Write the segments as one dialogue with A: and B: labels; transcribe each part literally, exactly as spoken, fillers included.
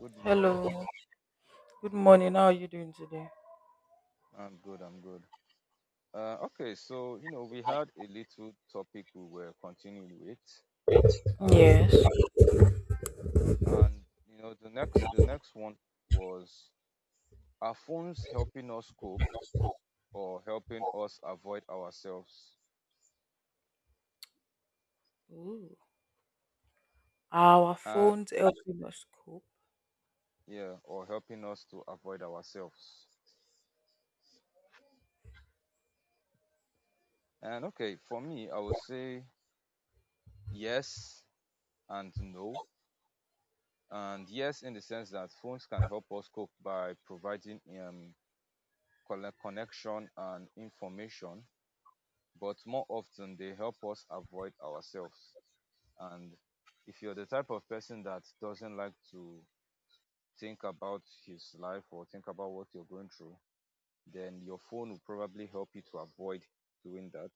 A: Good morning.
B: Hello. Good morning. How are you doing today?
A: I'm good. I'm good. Uh, okay, so you know we had a little topic we were continuing with, and
B: Yes.
A: and you know the next the next one was, are phones helping us cope or helping us avoid ourselves,
B: Ooh. Our
A: and
B: phones help us cope.
A: yeah, or helping us to avoid ourselves. And okay, for me, I would say yes and no. And yes, in the sense that phones can help us cope by providing um, collect connection and information, but more often they help us avoid ourselves. And if you're the type of person that doesn't like to think about his life or think about what you're going through, then your phone will probably help you to avoid doing that.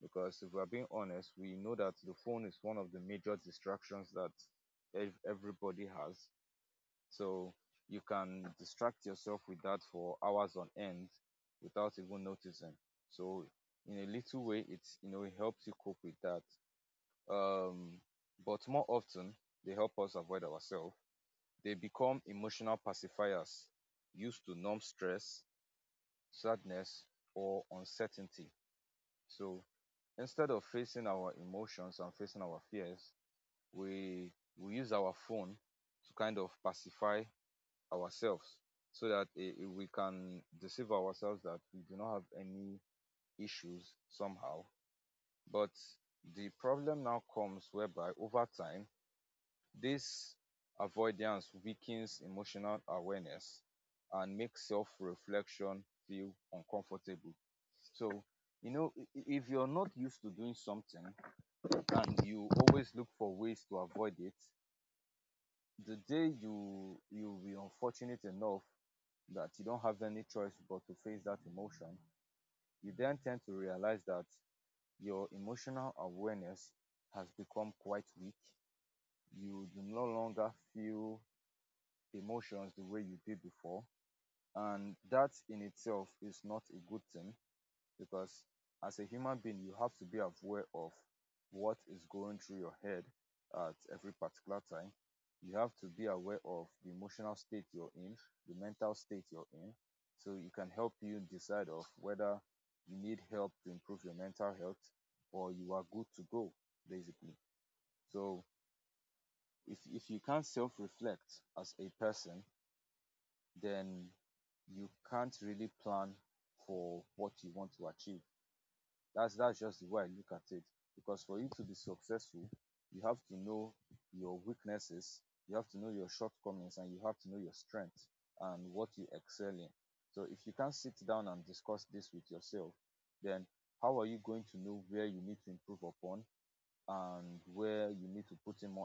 A: Because if we're being honest, we know that the phone is one of the major distractions that ev- everybody has, so you can distract yourself with that for hours on end without even noticing. So in a little way, it's you know it helps you cope with that. Um, but more often, they help us avoid ourselves. They become emotional pacifiers used to numb stress, sadness, or uncertainty. So instead of facing our emotions and facing our fears, we we use our phone to kind of pacify ourselves so that eh, eh, we can deceive ourselves that we do not have any issues somehow. But the problem now comes whereby over time, this avoidance weakens emotional awareness and makes self reflection feel uncomfortable. So, you know, i- i- if you're not used to doing something and you always look for ways to avoid it, the day you you'll be unfortunate enough that you don't have any choice but to face that emotion, you then tend to realize that your emotional awareness has become quite weak. You do no longer feel emotions the way you did before, and that in itself is not a good thing, because as a human being you have to be aware of what is going through your head at every particular time. You have to be aware of the emotional state you're in, the mental state you're in, so it can help you decide of whether you need help to improve your mental health or you are good to go, basically. So if, if you can't self-reflect as a person, then you can't really plan for what you want to achieve. That's that's just the way I look at it. Because for you to be successful, you have to know your weaknesses, you have to know your shortcomings, and you have to know your strength and what you excel in. So if you can't sit down and discuss this with yourself, then how are you going to know where you need to improve upon and where you need to put in more